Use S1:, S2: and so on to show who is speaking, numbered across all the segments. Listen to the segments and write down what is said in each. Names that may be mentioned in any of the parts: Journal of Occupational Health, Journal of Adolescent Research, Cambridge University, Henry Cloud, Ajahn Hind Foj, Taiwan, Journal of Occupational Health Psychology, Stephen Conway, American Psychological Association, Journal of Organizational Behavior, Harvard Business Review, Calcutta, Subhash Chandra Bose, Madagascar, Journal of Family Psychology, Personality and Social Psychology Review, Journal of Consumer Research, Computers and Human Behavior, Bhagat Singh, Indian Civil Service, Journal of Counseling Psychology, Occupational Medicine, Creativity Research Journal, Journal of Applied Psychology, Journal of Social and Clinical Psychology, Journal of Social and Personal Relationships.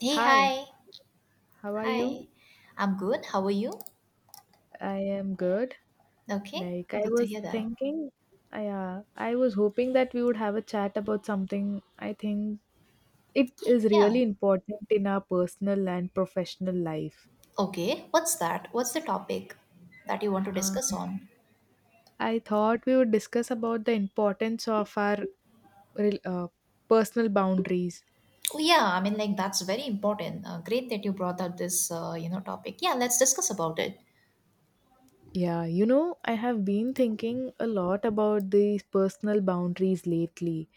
S1: Hey,
S2: Hi,
S1: hi.
S2: how are
S1: Hi.
S2: you?
S1: I'm good. How are you?
S2: I am good.
S1: Okay.
S2: Like I
S1: Good to
S2: was
S1: hear that.
S2: thinking, I was hoping that we would have a chat about something I think it
S1: Okay,
S2: is
S1: yeah.
S2: really important in our personal and professional life.
S1: Okay. What's that? What's the topic that you want to
S2: Uh,
S1: discuss on?
S2: I thought we would discuss about the importance of our rel- uh, personal boundaries.
S1: Oh, yeah. I mean, like, that's very important. Great that you brought up this, topic. Yeah, let's discuss about it.
S2: Yeah, you know, I have been thinking a lot about these personal boundaries lately,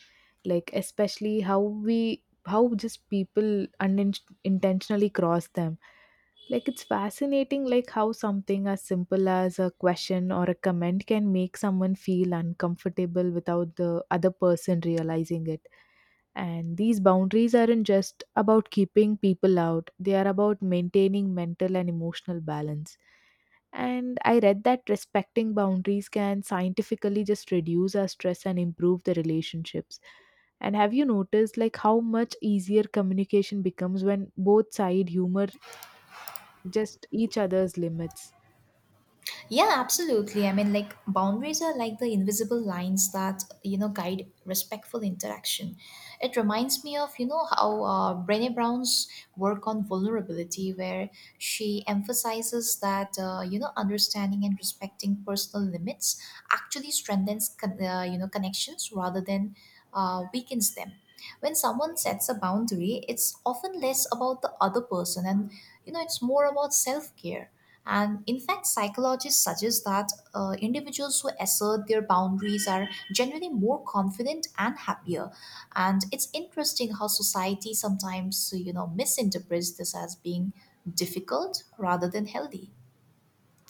S2: like especially how just people unintentionally cross them. Like it's fascinating like how something as simple as a question or a comment can make someone feel uncomfortable without the other person realizing it. And these boundaries aren't just about keeping people out, they are about maintaining mental and emotional balance. And I read that respecting boundaries can scientifically just reduce our stress and improve the relationships. And have you noticed like how much easier communication becomes when both side humor just each other's limits?
S1: Yeah, absolutely. I mean, like boundaries are like the invisible lines that you know guide respectful interaction. It reminds me of you know how Brené Brown's work on vulnerability, where she emphasizes that you know understanding and respecting personal limits actually strengthens you know connections rather than weakens them. When someone sets a boundary, it's often less about the other person and you know it's more about self care, and in fact, psychologists suggest that individuals who assert their boundaries are generally more confident and happier. And it's interesting how society sometimes, you know, misinterprets this as being difficult rather than healthy.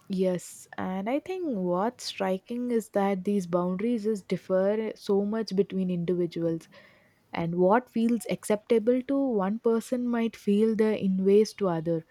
S2: Yes, and I think what's striking is that these boundaries just differ so much between individuals, and what feels acceptable to one person might feel the inways to other.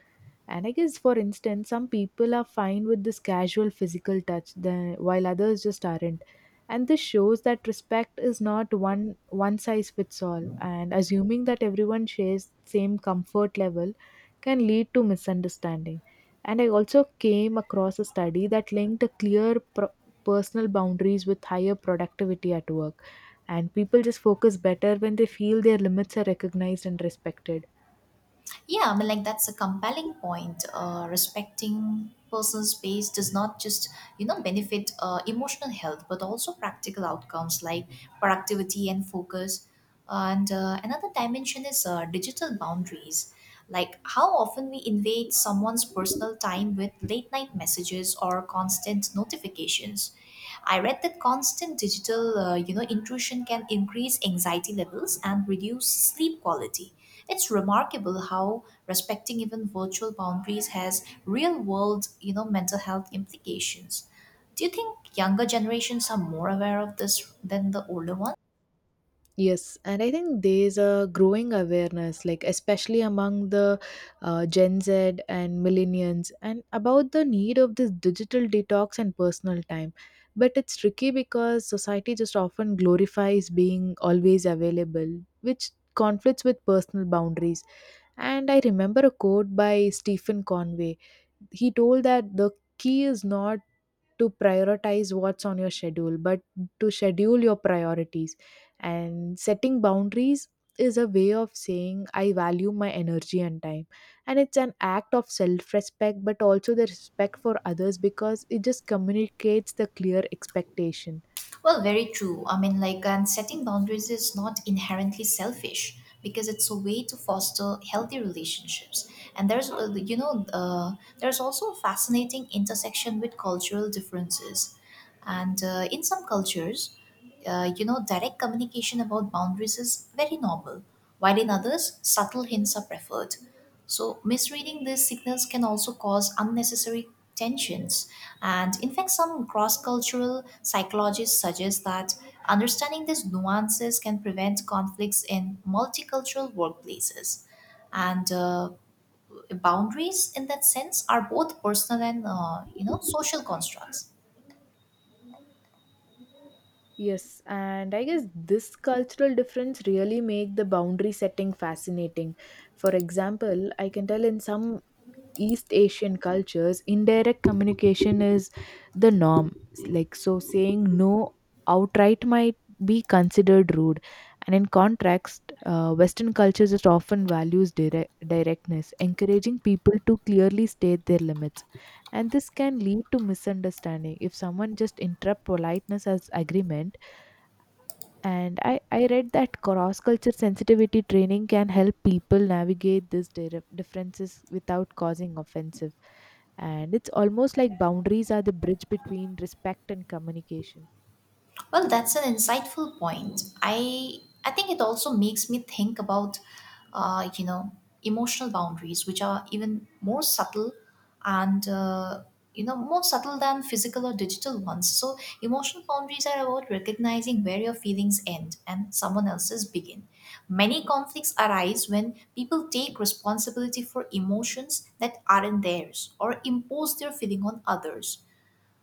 S2: And I guess, for instance, some people are fine with this casual physical touch, the, while others just aren't. And this shows that respect is not one size fits all. And assuming that everyone shares same comfort level can lead to misunderstanding. And I also came across a study that linked a clear personal boundaries with higher productivity at work. And people just focus better when they feel their limits are recognized and respected.
S1: Yeah, I mean, like that's a compelling point. Respecting personal space does not just, you know, benefit emotional health, but also practical outcomes like productivity and focus. And another dimension is digital boundaries. Like how often we invade someone's personal time with late night messages or constant notifications. I read that constant digital, you know, intrusion can increase anxiety levels and reduce sleep quality. It's remarkable how respecting even virtual boundaries has real world, you know, mental health implications. Do you think younger generations are more aware of this than the older ones?
S2: Yes, and I think there's a growing awareness, like especially among the Gen Z and millennials, and about the need of this digital detox and personal time. But it's tricky because society just often glorifies being always available, which conflicts with personal boundaries. And I remember a quote by Stephen Conway. He told that the key is not to prioritize what's on your schedule, but to schedule your priorities. And setting boundaries is a way of saying I value my energy and time. And it's an act of self respect, but also the respect for others because it just communicates the clear expectation.
S1: Well, very true. I mean, like, and setting boundaries is not inherently selfish because it's a way to foster healthy relationships. And there's also a fascinating intersection with cultural differences. And in some cultures, you know, direct communication about boundaries is very normal, while in others, subtle hints are preferred. So, misreading these signals can also cause unnecessary tensions. And in fact, some cross cultural psychologists suggest that understanding these nuances can prevent conflicts in multicultural workplaces. And boundaries, in that sense, are both personal and, you know, social constructs.
S2: Yes, and I guess this cultural difference really make the boundary setting fascinating. For example, I can tell in some East Asian cultures, indirect communication is the norm. Like so saying no outright might be considered rude. And in contrast, Western cultures it often values directness, encouraging people to clearly state their limits. And this can lead to misunderstanding. If someone just interrupt politeness as agreement, and I read that cross culture sensitivity training can help people navigate these differences without causing offensive. And it's almost like boundaries are the bridge between respect and communication.
S1: Well, that's an insightful point. I think it also makes me think about, you know, emotional boundaries, which are even more subtle, and you know, more subtle than physical or digital ones. So, emotional boundaries are about recognizing where your feelings end and someone else's begin. Many conflicts arise when people take responsibility for emotions that aren't theirs or impose their feeling on others.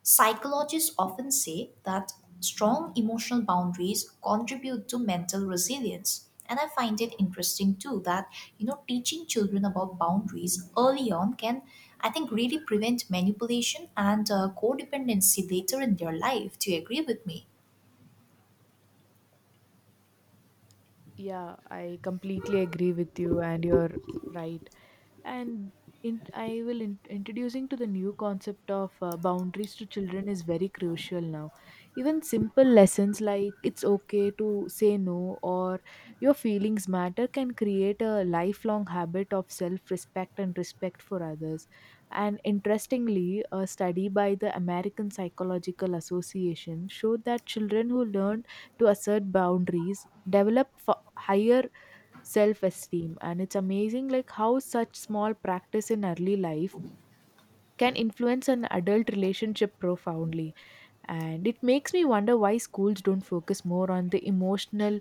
S1: Psychologists often say that strong emotional boundaries contribute to mental resilience. And I find it interesting too that, you know, teaching children about boundaries early on can, I think, really prevent manipulation and codependency later in their life. Do you agree with me?
S2: Yeah, I completely agree with you, and you're right. And in, I will in, introducing to the new concept of boundaries to children is very crucial now. Even simple lessons like it's okay to say no or your feelings matter can create a lifelong habit of self respect and respect for others. And interestingly, a study by the American Psychological Association showed that children who learn to assert boundaries develop higher self-esteem, and it's amazing like how such small practice in early life can influence an adult relationship profoundly. And it makes me wonder why schools don't focus more on the emotional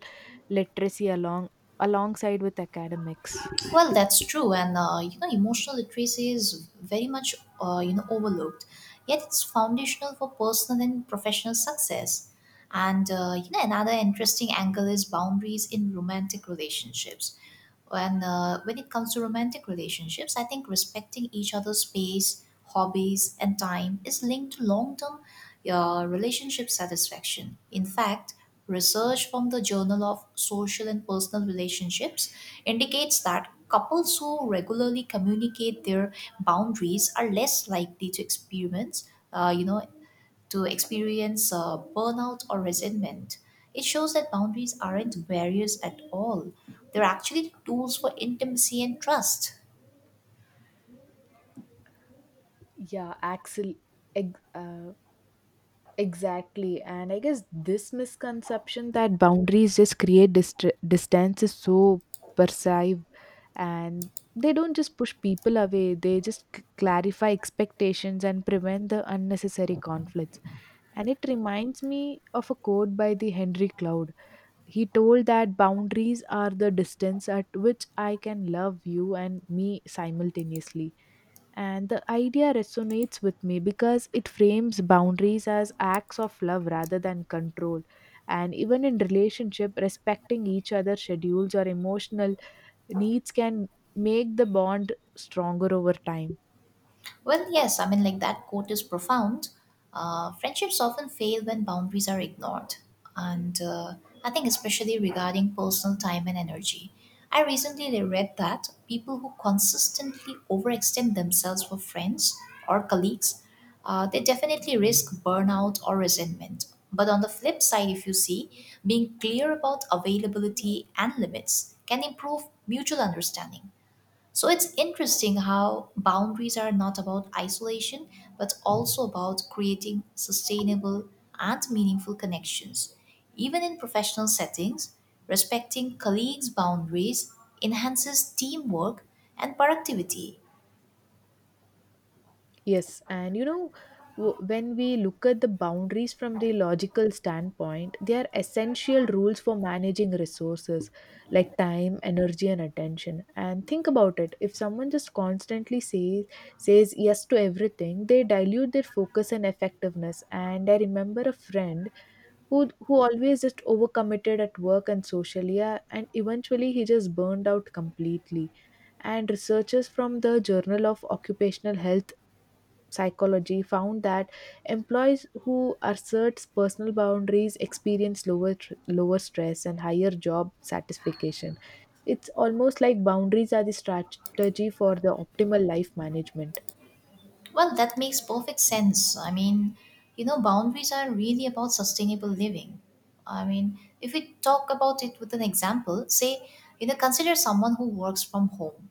S2: literacy alongside with academics.
S1: Well, that's true, and you know, emotional literacy is very much you know overlooked. Yet it's foundational for personal and professional success. And you know, another interesting angle is boundaries in romantic relationships. And when it comes to romantic relationships, I think respecting each other's space, hobbies, and time is linked to long term relationship satisfaction. In fact, research from the Journal of Social and Personal Relationships indicates that couples who regularly communicate their boundaries are less likely to experience. To experience burnout or resentment. It shows that boundaries aren't barriers at all, they're actually tools for intimacy and trust.
S2: Yeah axel ex- uh, exactly and I guess this misconception that boundaries just create distance is so perceived. And they don't just push people away, they just clarify expectations and prevent the unnecessary conflicts. And it reminds me of a quote by the Henry Cloud. He told that boundaries are the distance at which I can love you and me simultaneously. And the idea resonates with me because it frames boundaries as acts of love rather than control. And even in relationship, respecting each other's schedules or emotional needs can make the bond stronger over time.
S1: Well, yes, I mean, like that quote is profound. Friendships often fail when boundaries are ignored. And I think, especially regarding personal time and energy. I recently read that people who consistently overextend themselves for friends or colleagues, they definitely risk burnout or resentment. But on the flip side, if you see, being clear about availability and limits can improve mutual understanding. So it's interesting how boundaries are not about isolation, but also about creating sustainable and meaningful connections. Even in professional settings, respecting colleagues' boundaries enhances teamwork and productivity.
S2: Yes, and you know, when we look at the boundaries from the logical standpoint, they are essential rules for managing resources like time, energy, and attention. And think about it: if someone just constantly says yes to everything, they dilute their focus and effectiveness. And I remember a friend who always just overcommitted at work and socially, yeah, and eventually he just burned out completely. And researchers from the Journal of Occupational Health Psychology found that employees who assert personal boundaries experience lower stress and higher job satisfaction. It's almost like boundaries are the strategy for the optimal life management.
S1: Well, that makes perfect sense. I mean, you know, boundaries are really about sustainable living. I mean, if we talk about it with an example, say, you know, consider someone who works from home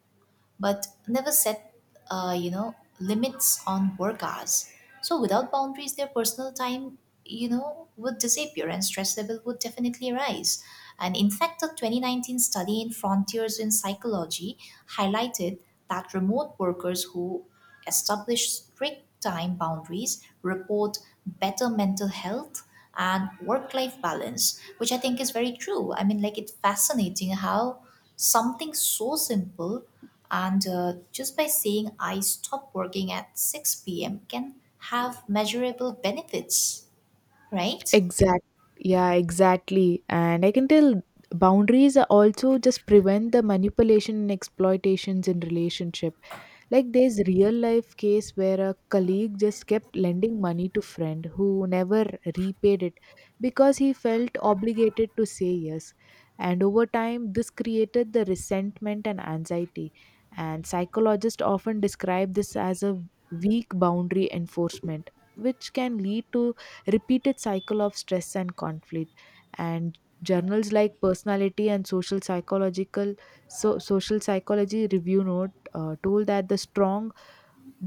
S1: but never set you know limits on work hours. So without boundaries their personal time you know would disappear and stress level would definitely rise. And in fact a 2019 study in frontiers in psychology highlighted that remote workers who establish strict time boundaries report better mental health and work life balance, which I think is very true. I mean like it's fascinating how something so simple, and just by saying I stop working at 6 p.m. can have measurable benefits, right?
S2: Exact. Yeah, exactly. And I can tell boundaries are also just prevent the manipulation and exploitations in relationship. Like there's real life case where a colleague just kept lending money to friend who never repaid it because he felt obligated to say yes. And over time this created the resentment and anxiety. And psychologists often describe this as a weak boundary enforcement, which can lead to repeated cycle of stress and conflict. And journals like personality and social psychological so social psychology review note told that the strong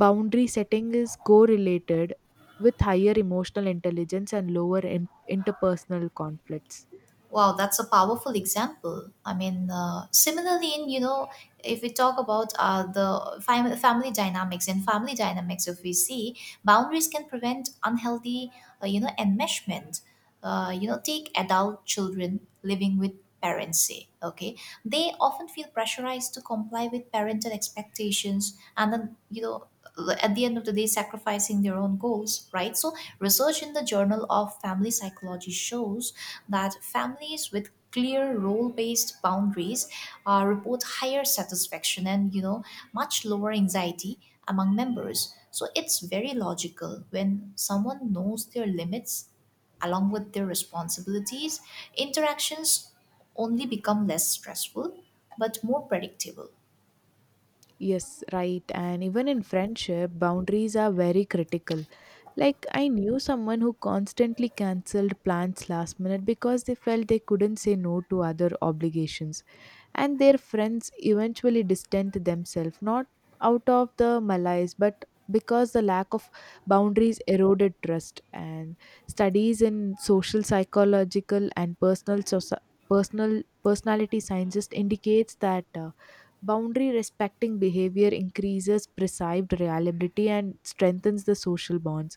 S2: boundary setting is correlated with higher emotional intelligence and lower interpersonal conflicts.
S1: Wow, that's a powerful example. I mean, similarly, in you know, if we talk about family dynamics and family dynamics, if we see boundaries can prevent unhealthy, you know, enmeshment. You know, take adult children living with parents. Say, okay, they often feel pressurized to comply with parental expectations, and then you know, at the end of the day, sacrificing their own goals. Right. So, research in the Journal of Family Psychology shows that families with clear role-based boundaries report higher satisfaction and you know much lower anxiety among members. So it's very logical when someone knows their limits along with their responsibilities, interactions only become less stressful but more predictable.
S2: Yes, right, and even in friendship boundaries are very critical. Like I knew someone who constantly cancelled plans last minute because they felt they couldn't say no to other obligations, and their friends eventually distant themselves, not out of the malaise but because the lack of boundaries eroded trust. And studies in social psychological and personality science indicates that boundary respecting behavior increases perceived reliability and strengthens the social bonds.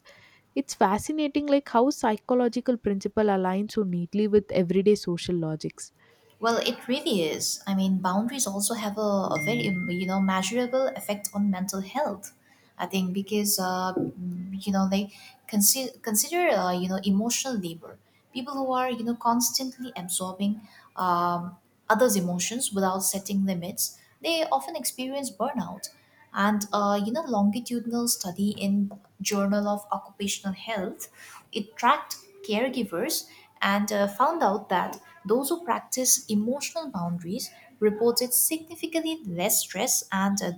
S2: It's fascinating like how psychological principle aligns so neatly with everyday social logics.
S1: Well, it really is. I mean, boundaries also have a very you know measurable effect on mental health. I think because you know they consider you know emotional labor. People who are you know constantly absorbing um, others' emotions without setting limits, they often experience burnout. And you know, longitudinal study in Journal of Occupational Health, it tracked caregivers and found out that those who practice emotional boundaries reported significantly less stress and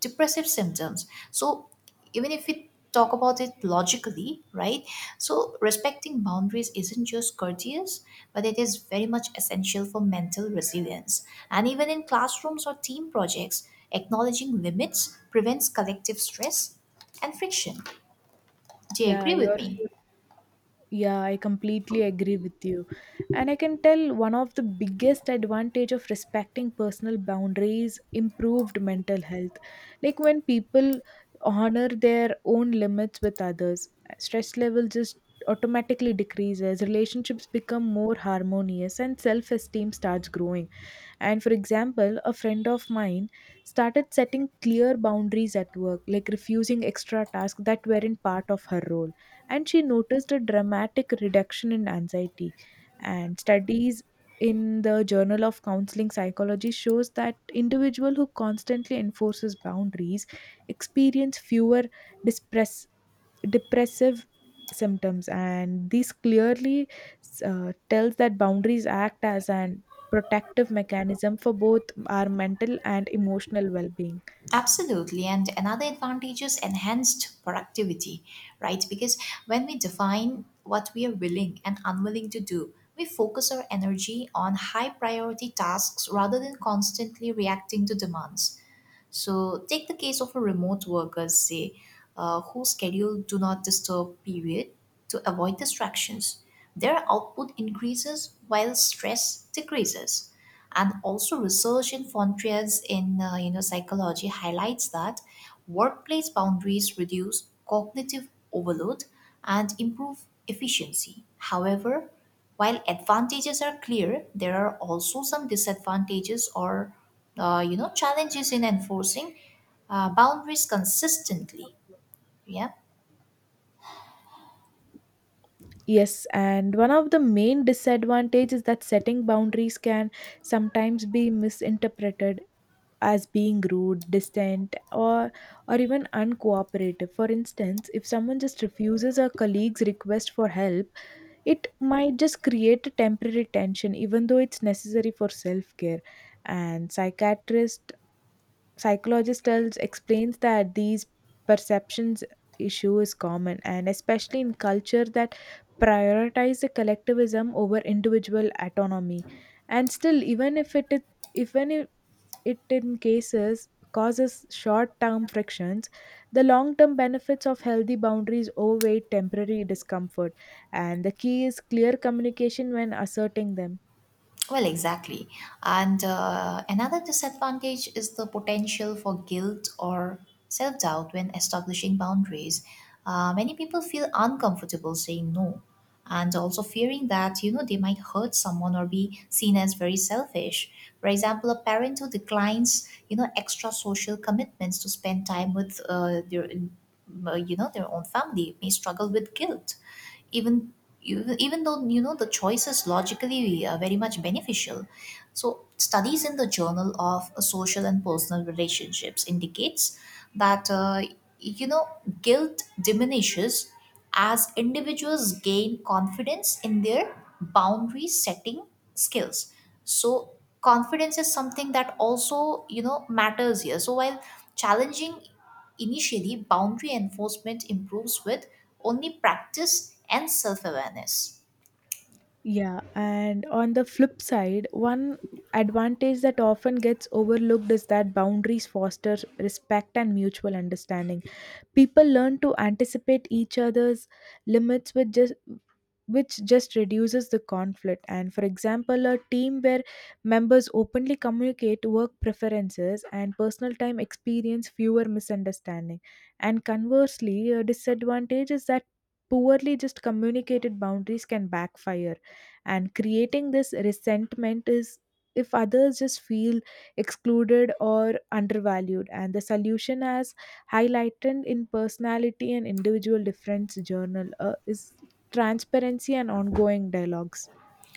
S1: depressive symptoms. So, even if we talk about it logically, right? So, respecting boundaries isn't just courteous, but it is very much essential for mental resilience. And even in classrooms or team projects, acknowledging limits prevents collective stress and friction. Do you
S2: Yeah,
S1: agree with
S2: you're
S1: me?
S2: Yeah, I completely agree with you. And I can tell one of the biggest advantage of respecting personal boundaries improved mental health. Like when people honor their own limits with others, stress level just automatically decreases, relationships become more harmonious and self-esteem starts growing. And for example, a friend of mine started setting clear boundaries at work, like refusing extra tasks that weren't part of her role. And she noticed a dramatic reduction in anxiety. And studies in the Journal of Counseling Psychology shows that individual who constantly enforces boundaries experience fewer distress depressive symptoms, and these clearly tells that boundaries act as an protective mechanism for both our mental and emotional well-being.
S1: Absolutely. And another advantage is enhanced productivity, right? Because when we define what we are willing and unwilling to do, we focus our energy on high priority tasks rather than constantly reacting to demands. So, take the case of a remote worker, say, whose schedule do not disturb period to avoid distractions. Their output increases while stress decreases. And also research in frontiers in you know psychology highlights that workplace boundaries reduce cognitive overload and improve efficiency. However while advantages are clear there are also some disadvantages or you know challenges in enforcing boundaries consistently, yeah.
S2: Yes, and one of the main disadvantages is that setting boundaries can sometimes be misinterpreted as being rude, distant, or even uncooperative. For instance, if someone just refuses a colleague's request for help, it might just create a temporary tension even though it's necessary for self-care. And psychiatrist psychologist tells explains that these perceptions issue is common and especially in culture that prioritize the collectivism over individual autonomy. And still, even if it is even it in cases causes short-term frictions, the long-term benefits of healthy boundaries outweigh temporary discomfort, and the key is clear communication when asserting them.
S1: Well, exactly. And another disadvantage is the potential for guilt or self doubt when establishing boundaries. Many people feel uncomfortable saying no and also fearing that you know they might hurt someone or be seen as very selfish. For example a parent who declines you know extra social commitments to spend time with their you know their own family may struggle with guilt, even even though you know the choices logically are very much beneficial. So studies in the journal of social and personal relationships indicates that you know guilt diminishes as individuals gain confidence in their boundary setting skills. So confidence is something that also you know matters here. So while challenging initially, boundary enforcement improves with only practice and self awareness.
S2: Yeah, and on the flip side, one advantage that often gets overlooked is that boundaries foster respect and mutual understanding. People learn to anticipate each other's limits with just which just reduces the conflict. And for example, a team where members openly communicate work preferences and personal time experience fewer misunderstanding. And conversely, a disadvantage is that poorly just communicated boundaries can backfire and creating this resentment is if others just feel excluded or undervalued. And the solution, as highlighted in personality and individual difference journal, is transparency and ongoing dialogues.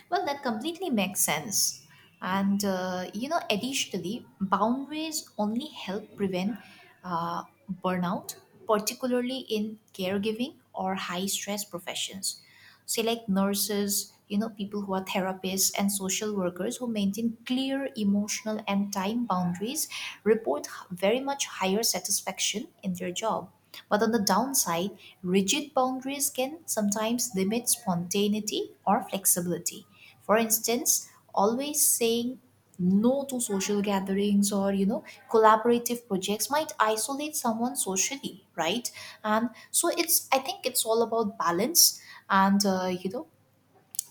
S1: Well, that completely makes sense. And, you know, additionally, boundaries only help prevent uh, burnout, particularly in caregiving or high stress professions. Say, like nurses, you know, people who are therapists and social workers who maintain clear emotional and time boundaries report very much higher satisfaction in their job. But on the downside, rigid boundaries can sometimes limit spontaneity or flexibility. For instance, always saying no to social gatherings or you know collaborative projects might isolate someone socially, right? And so it's I think it's all about balance. And you know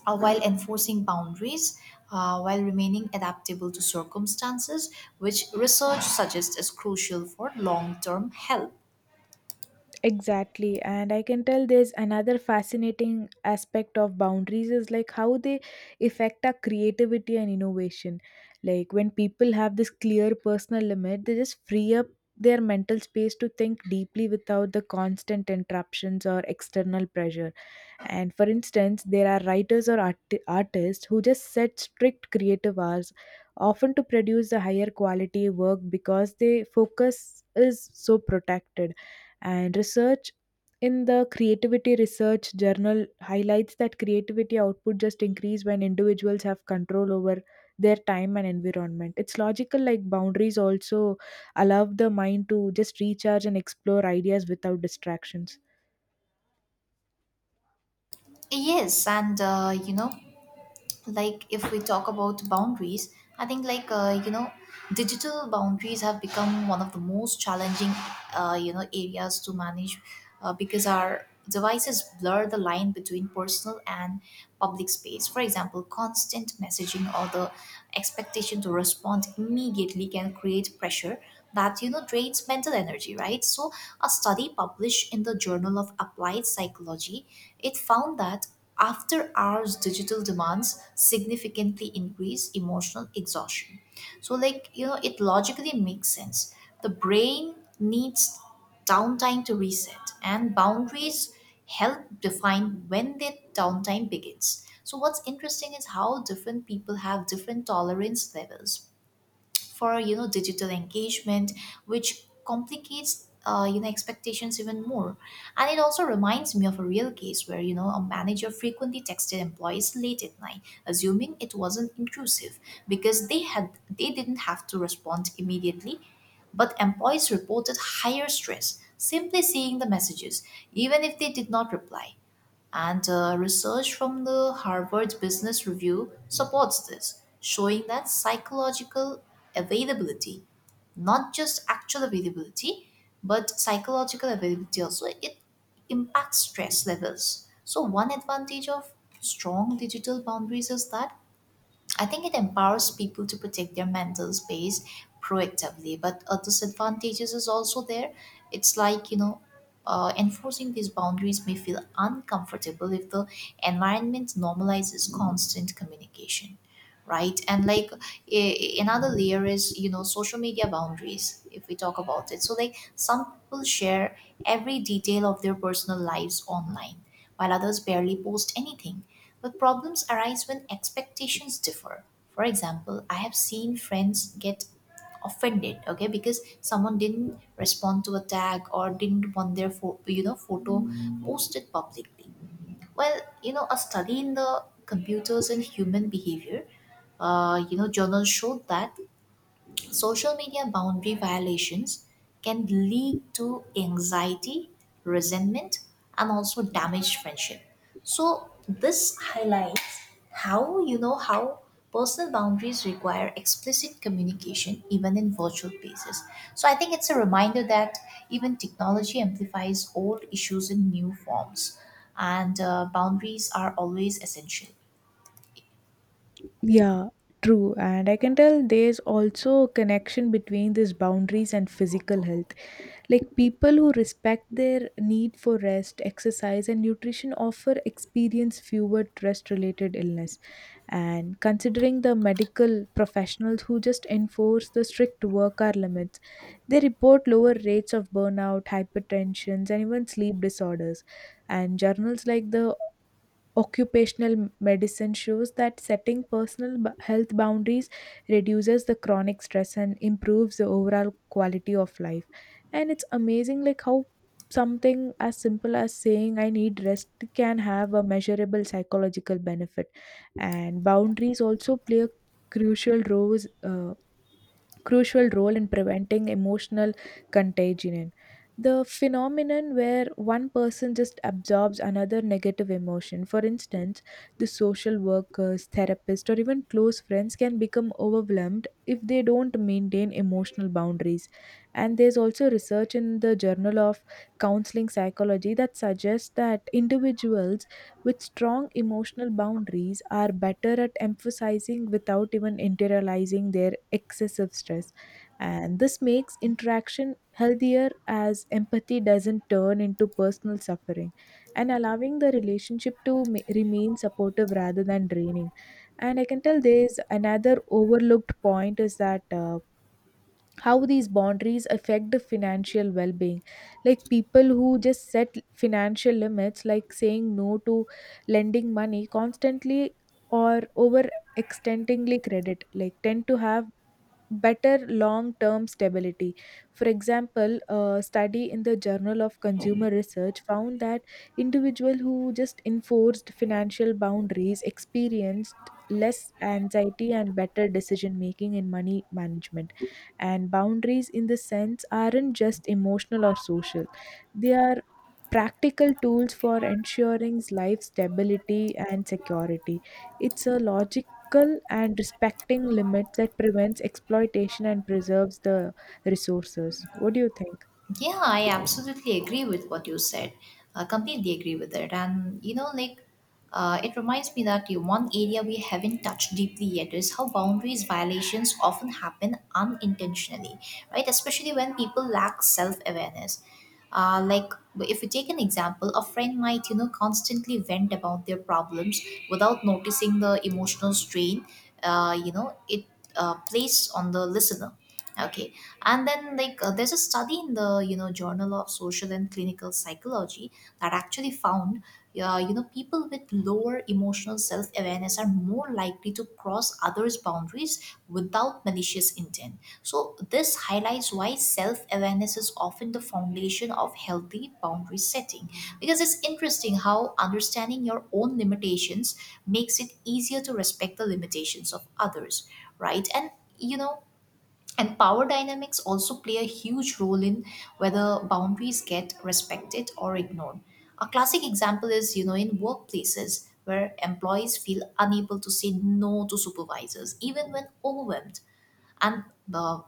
S1: while enforcing boundaries, while remaining adaptable to circumstances, which research suggests is crucial for long-term health.
S2: Exactly, and I can tell there's another fascinating aspect of boundaries is like how they affect our creativity and innovation. Like when people have this clear personal limit, they just free up their mental space to think deeply without the constant interruptions or external pressure. And for instance, there are writers or artists who just set strict creative hours, often to produce a higher quality work because their focus is so protected. And research in the Creativity Research Journal highlights that creativity output just increase when individuals have control over their time and environment. It's logical like boundaries also allow the mind to just recharge and explore ideas without distractions.
S1: Yes, and you know, like if we talk about boundaries, I think like you know, digital boundaries have become one of the most challenging you know areas to manage because our devices blur the line between personal and public space. For example, constant messaging or the expectation to respond immediately can create pressure that you know drains mental energy, right? So, a study published in the Journal of Applied Psychology, it found that after hours digital demands significantly increase emotional exhaustion. So, it logically makes sense. The brain needs downtime to reset, and boundaries help define when that downtime begins. So what's interesting is how different people have different tolerance levels for digital engagement, which complicates expectations even more. And it also reminds me of a real case where a manager frequently texted employees late at night, assuming it wasn't intrusive because they didn't have to respond immediately, but employees reported higher stress simply seeing the messages, even if they did not reply. And research from the Harvard Business Review supports this, showing that psychological availability, not just actual availability, but psychological availability also, it impacts stress levels. So, one advantage of strong digital boundaries is that I think it empowers people to protect their mental space proactively, but a disadvantages is also there. It's like enforcing these boundaries may feel uncomfortable if the environment normalizes constant communication, right? And like another layer is social media boundaries. If we talk about it, so like some people share every detail of their personal lives online, while others barely post anything, but problems arise when expectations differ. For example, I have seen friends get offended, okay, because someone didn't respond to a tag or didn't want their photo posted publicly. Well, a study in the computers and human behavior, journal showed that social media boundary violations can lead to anxiety, resentment, and also damaged friendship. So this highlights how you know how personal boundaries require explicit communication even in virtual spaces. So I think it's a reminder that even technology amplifies old issues in new forms, and boundaries are always essential.
S2: Yeah, true. And I can tell there's also a connection between these boundaries and physical health. Like people who respect their need for rest, exercise, and nutrition offer experience fewer stress-related illness. And considering the medical professionals who just enforce the strict work hour limits, they report lower rates of burnout, hypertensions, and even sleep disorders. And journals like the Occupational medicine shows that setting personal health boundaries reduces the chronic stress and improves the overall quality of life. And it's amazing, like, how something as simple as saying I need rest can have a measurable psychological benefit. And boundaries also play a crucial role uh, crucial role in preventing emotional contagion. The phenomenon where one person just absorbs another negative emotion. For instance, the social workers, therapists, or even close friends can become overwhelmed if they don't maintain emotional boundaries. And there's also research in the Journal of Counseling Psychology that suggests that individuals with strong emotional boundaries are better at emphasizing without even internalizing their excessive stress. And this makes interaction healthier as empathy doesn't turn into personal suffering and allowing the relationship to remain supportive rather than draining. And I can tell there's another overlooked point is that. How these boundaries affect the financial well-being, like people who just set financial limits, like saying no to lending money constantly or over extendingly credit, like tend to have better long term stability. For example, a study in the Journal of Consumer Research found that individuals who just enforced financial boundaries experienced less anxiety and better decision making in money management. And boundaries, in the sense, aren't just emotional or social, they are practical tools for ensuring life stability and security. It's a logic ethical and respecting limits that prevents exploitation and preserves the resources. What do you think?
S1: Yeah, I absolutely agree with what you said. I completely agree with it. And, it reminds me that the one area we haven't touched deeply yet is how boundaries violations often happen unintentionally, right? Especially when people lack self awareness. Like, if we take an example, a friend might, constantly vent about their problems without noticing the emotional strain, you know, it placed on the listener, okay. And then there's a study in the journal of social and clinical psychology that actually found people with lower emotional self-awareness are more likely to cross others boundaries without malicious intent. So this highlights why self-awareness is often the foundation of healthy boundary setting, because it's interesting how understanding your own limitations makes it easier to respect the limitations of others, right? And you know and power dynamics also play a huge role in whether boundaries get respected or ignored. A classic example is, in workplaces where employees feel unable to say no to supervisors, even when overwhelmed, and uh,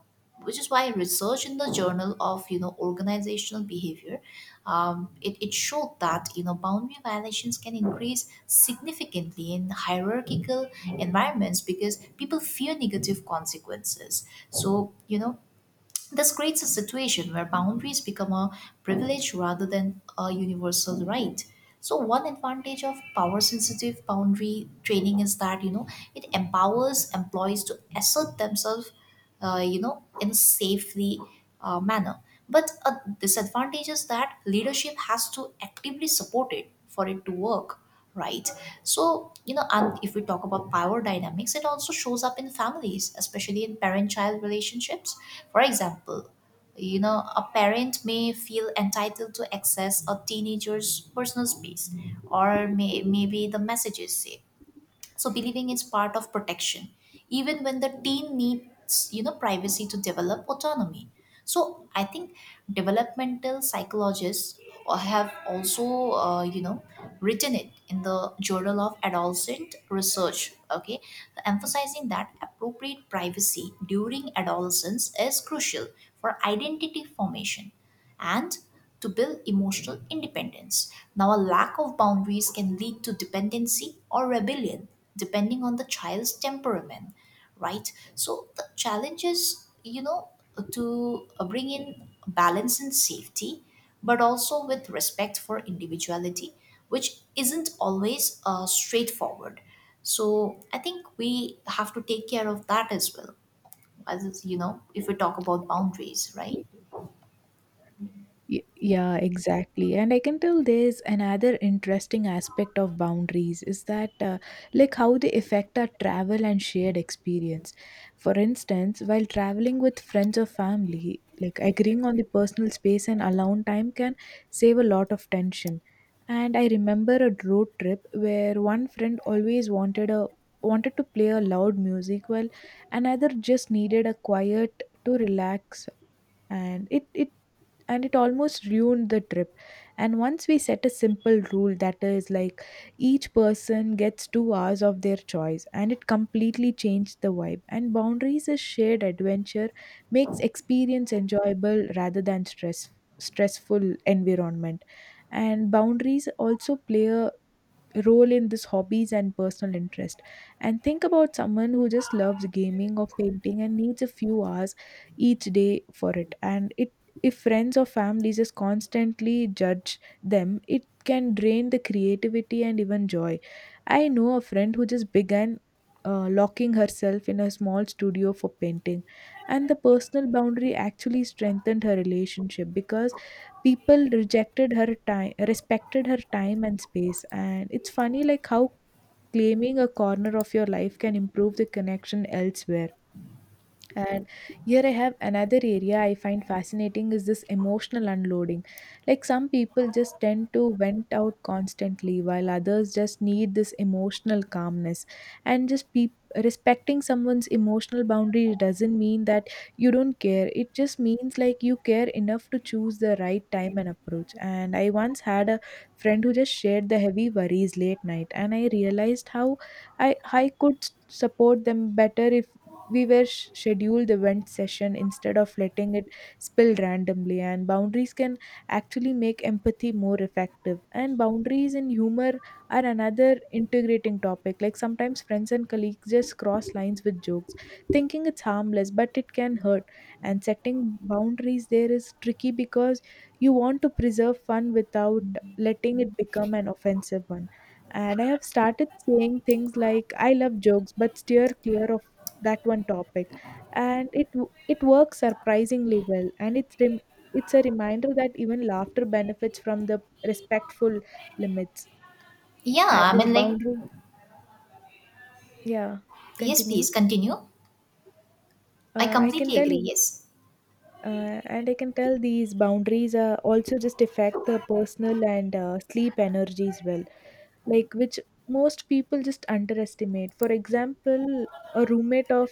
S1: which is why research in the journal of organizational behavior, it showed that boundary violations can increase significantly in hierarchical environments because people fear negative consequences. So this creates a situation where boundaries become a privilege rather than a universal right. So, one advantage of power sensitive boundary training is that, it empowers employees to assert themselves, in a safely manner. But a disadvantage is that leadership has to actively support it for it to work, right? So and if we talk about power dynamics, it also shows up in families, especially in parent child relationships. For example, a parent may feel entitled to access a teenager's personal space, maybe the messages say, so believing is part of protection, even when the teen needs privacy to develop autonomy. So I think developmental psychologists have also uh, you know written it in the journal of adolescent research, okay, emphasizing that appropriate privacy during adolescence is crucial for identity formation and to build emotional independence. Now, a lack of boundaries can lead to dependency or rebellion, depending on the child's temperament, right? So, the challenge is, to bring in balance and safety, but also with respect for individuality, which isn't always straightforward. So, I think we have to take care of that as well, as if we talk about boundaries, right?
S2: Yeah, exactly. And I can tell there's another interesting aspect of boundaries is that, like, how they affect our travel and shared experience. For instance, while traveling with friends or family, like, agreeing on the personal space and alone time can save a lot of tension. And I remember a road trip where one friend always wanted to play a loud music while another just needed a quiet to relax, and it and it almost ruined the trip. And once we set a simple rule that is like each person gets 2 hours of their choice, and it completely changed the vibe. And boundaries is shared adventure makes experience enjoyable rather than stressful environment. And boundaries also play a role in this hobbies and personal interest. And think about someone who just loves gaming or painting and needs a few hours each day for it, and it, if friends or families just constantly judge them, it can drain the creativity and even joy. I know a friend who just began locking herself in a small studio for painting, and the personal boundary actually strengthened her relationship because people rejected her time respected her time and space. And it's funny, like, how claiming a corner of your life can improve the connection elsewhere. And here I have another area I find fascinating is this emotional unloading. Like, some people just tend to vent out constantly, while others just need this emotional calmness. And just peop respecting someone's emotional boundary doesn't mean that you don't care. It just means, like, you care enough to choose the right time and approach. And I once had a friend who just shared the heavy worries late night, and I realized how I I could support them better if we were scheduled the event session instead of letting it spill randomly. And boundaries can actually make empathy more effective. And boundaries in humor are another integrating topic. Like, sometimes friends and colleagues just cross lines with jokes thinking it's harmless, but it can hurt. And setting boundaries there is tricky because you want to preserve fun without letting it become an offensive one. And I have started saying things like, I love jokes, but steer clear of that one topic, and it works surprisingly well. And it's a reminder that even laughter benefits from the respectful limits.
S1: Yeah,
S2: And
S1: I
S2: this
S1: mean, like,
S2: boundary, yeah,
S1: yes, please
S2: continue.
S1: continue. I
S2: I can
S1: completely
S2: tell
S1: agree.
S2: you,
S1: Yes.
S2: and I can tell these boundaries, also just affect the personal and sleep energy as well, like, which most people just underestimate. For example, a roommate of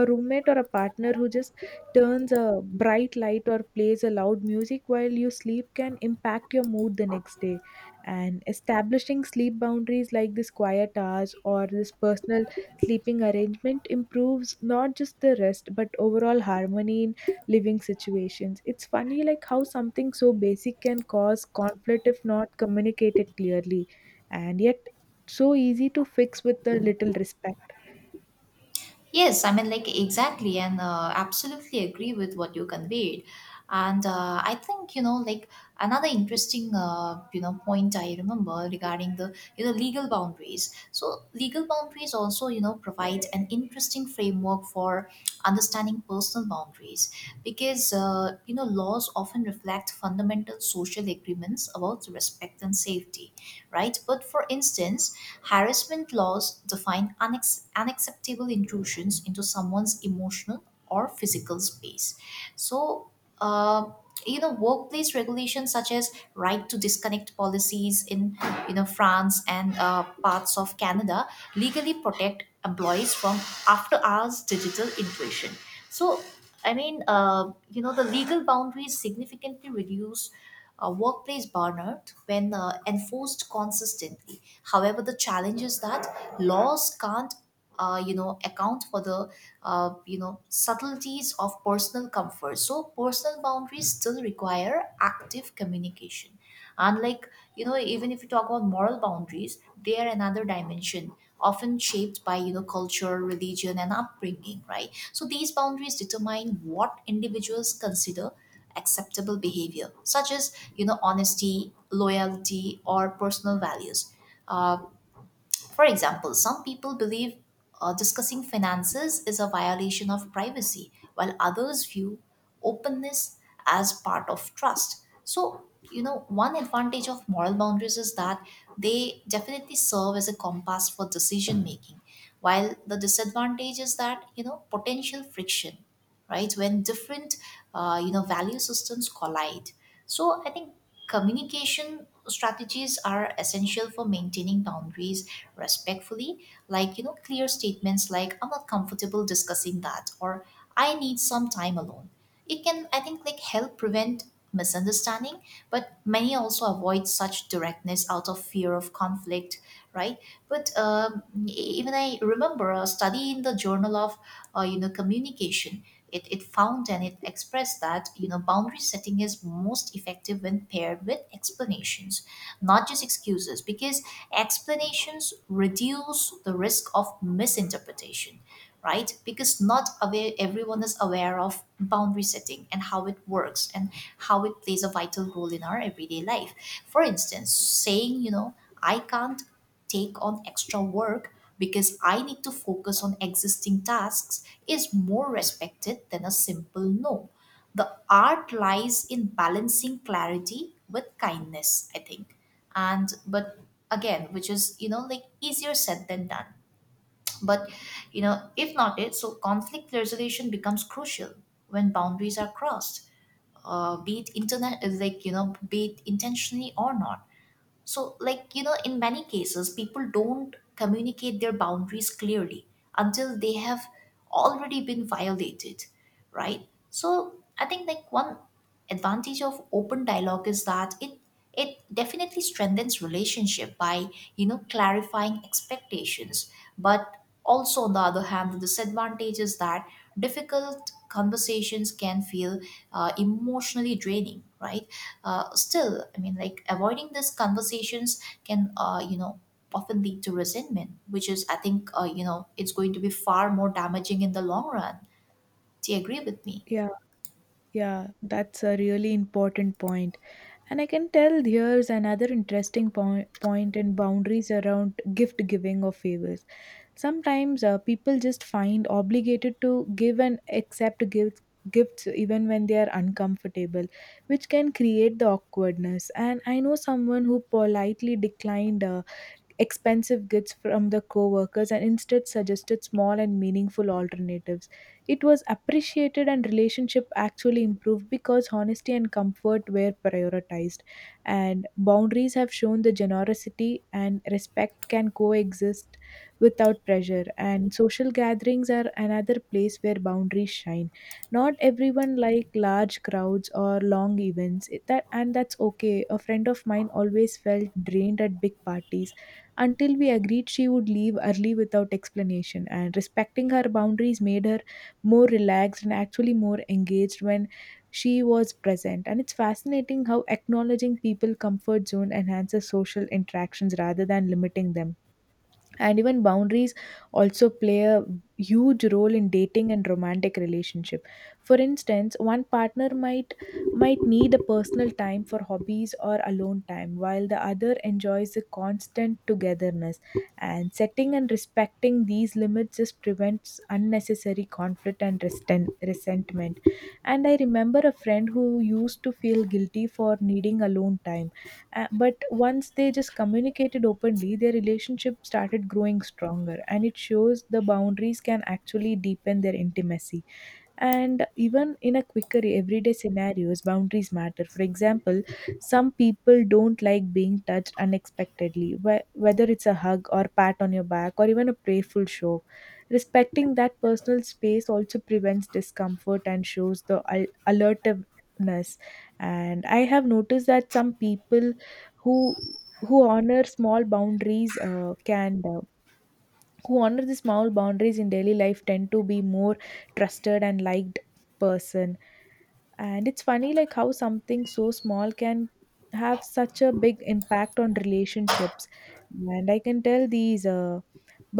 S2: a roommate or a partner who just turns a bright light or plays a loud music while you sleep can impact your mood the next day. And establishing sleep boundaries, like this quiet hours or this personal sleeping arrangement, improves not just the rest but overall harmony in living situations. It's funny, like, how something so basic can cause conflict if not communicated clearly, and yet so easy to fix with a little respect.
S1: Yes, I mean, like, exactly. And absolutely agree with what you conveyed. And I think, another interesting, point I remember regarding the, legal boundaries. So, legal boundaries also, provide an interesting framework for understanding personal boundaries because, laws often reflect fundamental social agreements about respect and safety, right? But for instance, harassment laws define unacceptable intrusions into someone's emotional or physical space. So, uh, workplace regulations such as right to disconnect policies in france and parts of canada legally protect employees from after hours digital intrusion. So I mean the legal boundaries significantly reduce workplace burnout when enforced consistently. However, the challenge is that laws can't account for the subtleties of personal comfort, so personal boundaries still require active communication. Unlike even if you talk about moral boundaries, they are another dimension, often shaped by culture, religion and upbringing, right? So these boundaries determine what individuals consider acceptable behavior, such as honesty, loyalty or personal values. Uh. For example, some people believe discussing finances is a violation of privacy, while others view openness as part of trust. So, one advantage of moral boundaries is that they definitely serve as a compass for decision making, while the disadvantage is that, potential friction, right? When different, value systems collide. So, I think communication strategies are essential for maintaining boundaries respectfully, like clear statements like "I'm not comfortable discussing that" or "I need some time alone." It can, I think, like help prevent misunderstanding, but many also avoid such directness out of fear of conflict, right? But even I remember a study in the journal of communication. It found and it expressed that boundary setting is most effective when paired with explanations, not just excuses, because explanations reduce the risk of misinterpretation, right? Because not aware everyone is aware of boundary setting and how it works and how it plays a vital role in our everyday life. For instance, saying "I can't take on extra work because I need to focus on existing tasks" is more respected than a simple no. The art lies in balancing clarity with kindness, I think. And but again, which is like easier said than done. But if not it, so conflict resolution becomes crucial when boundaries are crossed, be it internet like be it intentionally or not. So, in many cases, people don't communicate their boundaries clearly until they have already been violated, right? So, I think, like, one advantage of open dialogue is that it definitely strengthens relationship by clarifying expectations. But also on the other hand, the disadvantage is that difficult conversations can feel emotionally draining, right? Still, I mean like avoiding these conversations can often lead to resentment, which is I think it's going to be far more damaging in the long run. Do you agree with me?
S2: Yeah. Yeah, that's a really important point. And I can tell there's another interesting point in boundaries around gift giving or favors. Sometimes people just find obligated to give and accept gifts even when they are uncomfortable, which can create the awkwardness. And I know someone who politely declined expensive goods from the co-workers and instead suggested small and meaningful alternatives. It was appreciated and relationship actually improved because honesty and comfort were prioritized. And boundaries have shown the generosity and respect can coexist without pressure. And social gatherings are another place where boundaries shine. Not everyone like large crowds or long events. That, and that's okay. A friend of mine always felt drained at big parties until we agreed she would leave early without explanation, and respecting her boundaries made her more relaxed and actually more engaged when she was present. And it's fascinating how acknowledging people comfort zone enhances social interactions rather than limiting them. And even boundaries also play a huge role in dating and romantic relationship. For instance, one partner might need a personal time for hobbies or alone time while the other enjoys the constant togetherness. And setting and respecting these limits just prevents unnecessary conflict and resentment. And I remember a friend who used to feel guilty for needing alone time, but once they just communicated openly, their relationship started growing stronger, and it shows the boundaries can actually deepen their intimacy. And even in a quicker everyday scenarios, boundaries matter. For example, some people don't like being touched unexpectedly, whether it's a hug or pat on your back or even a playful show. Respecting that personal space also prevents discomfort and shows the alertiveness. And I have noticed that some people who honor small boundaries, can who honor the small boundaries in daily life tend to be more trusted and liked person. And it's funny, like, how something so small can have such a big impact on relationships. And I can tell these,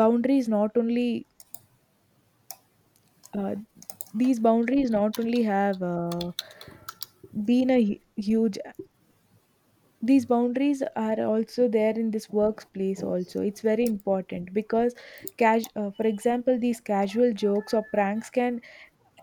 S2: boundaries not only uh, these boundaries not only have, been a hu- huge these boundaries are also there in this workplace also. It's very important because cash for example, these casual jokes or pranks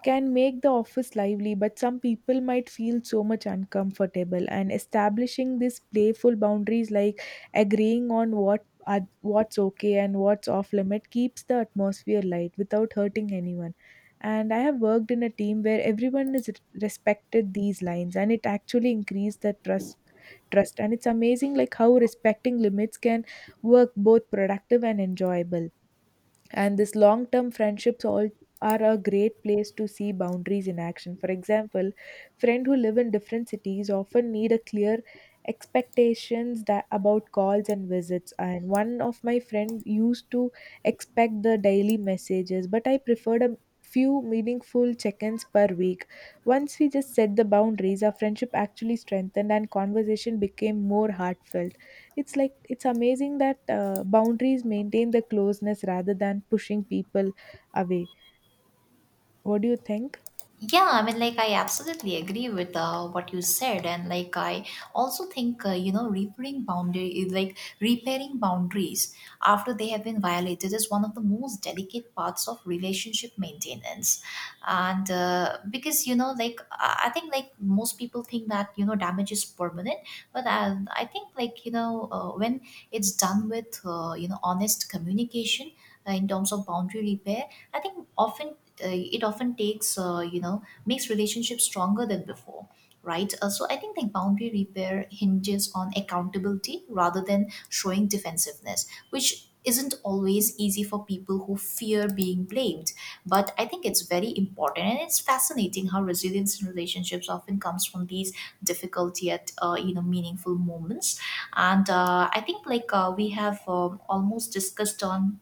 S2: can make the office lively, but some people might feel so much uncomfortable. And establishing these playful boundaries, like agreeing on what's okay and what's off limit, keeps the atmosphere light without hurting anyone. And I have worked in a team where everyone is respected these lines, and it actually increased the trust, and it's amazing, like, how respecting limits can work both productive and enjoyable. And this long term friendships all are a great place to see boundaries in action. For example, friends who live in different cities often need a clear expectations that about calls and visits. And one of my friend used to expect the daily messages, but I preferred a few meaningful check-ins per week. Once we just set the boundaries, our friendship actually strengthened and conversation became more heartfelt. It's like, it's amazing that boundaries maintain the closeness rather than pushing people away. What do you think?
S1: Yeah, I mean, like, I absolutely agree with what you said, and like, I also think like repairing boundaries after they have been violated, is one of the most delicate parts of relationship maintenance, and because I think like most people think that damage is permanent, but I think like when it's done with honest communication, in terms of boundary repair, I think often it often takes makes relationships stronger than before, right? So I think the boundary repair hinges on accountability rather than showing defensiveness, which isn't always easy for people who fear being blamed, but I think it's very important. And it's fascinating how resilience in relationships often comes from these difficulty at meaningful moments. And I think we have almost discussed on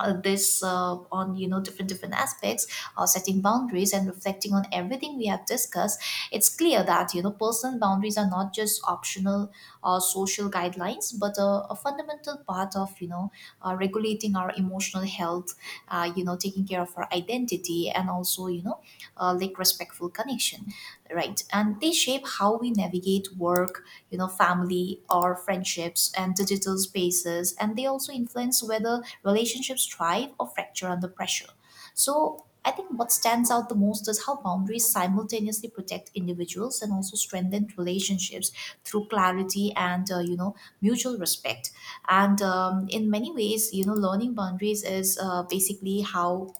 S1: this on different aspects or setting boundaries. And reflecting on everything we have discussed, it's clear that personal boundaries are not just optional or social guidelines but a fundamental part of regulating our emotional health, taking care of our identity, and also respectful connection, right? And they shape how we navigate work, family or friendships and digital spaces, and they also influence whether relationships thrive or fracture under pressure. So I think what stands out the most is how boundaries simultaneously protect individuals and also strengthen relationships through clarity and mutual respect. And in many ways, learning boundaries is basically how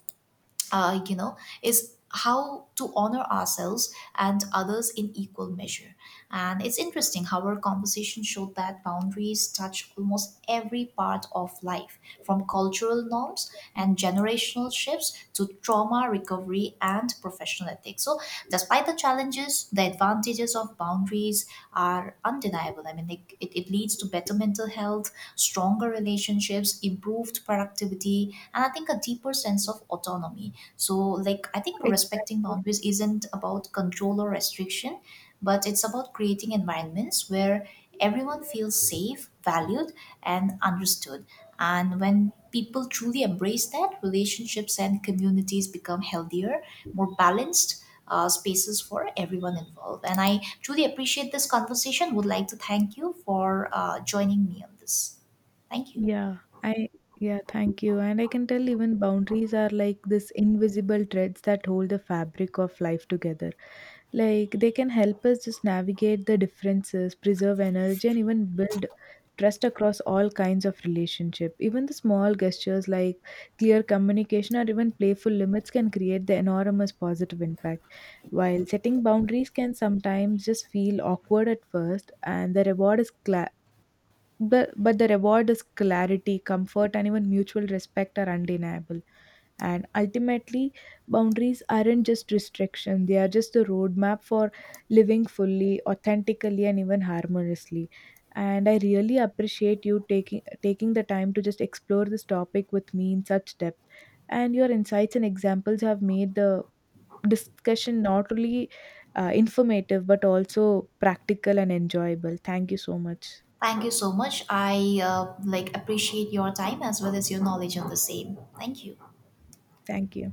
S1: uh, you know, is how to honor ourselves and others in equal measure. And it's interesting how our conversation showed that boundaries touch almost every part of life, from cultural norms and generational shifts to trauma recovery and professional ethics. So, despite the challenges, the advantages of boundaries are undeniable. I mean, it leads to better mental health, stronger relationships, improved productivity, and I think a deeper sense of autonomy. So, like, I think respecting
S2: Exactly.
S1: boundaries isn't about control or restriction, but it's about creating environments where everyone feels safe, valued, and understood. And when people truly embrace that, relationships and communities become healthier, more balanced spaces for everyone involved. And I truly appreciate this conversation. Would like to thank you for joining me on this. Thank you.
S2: Yeah, I yeah, thank you. And I can tell even boundaries are like this invisible threads that hold the fabric of life together. Like, they can help us just navigate the differences, preserve energy, and even build trust across all kinds of relationship. Even the small gestures like clear communication or even playful limits can create the enormous positive impact. While setting boundaries can sometimes just feel awkward at first, and the reward is cla but the reward is clarity, comfort, and even mutual respect are undeniable. And ultimately, boundaries aren't just restriction, they are just the roadmap for living fully, authentically, and even harmoniously. And I really appreciate you taking the time to just explore this topic with me in such depth. And your insights and examples have made the discussion not only informative but also practical and enjoyable. Thank you so much.
S1: Thank you so much. I like appreciate your time as well as your knowledge on the same. Thank you.
S2: Thank you.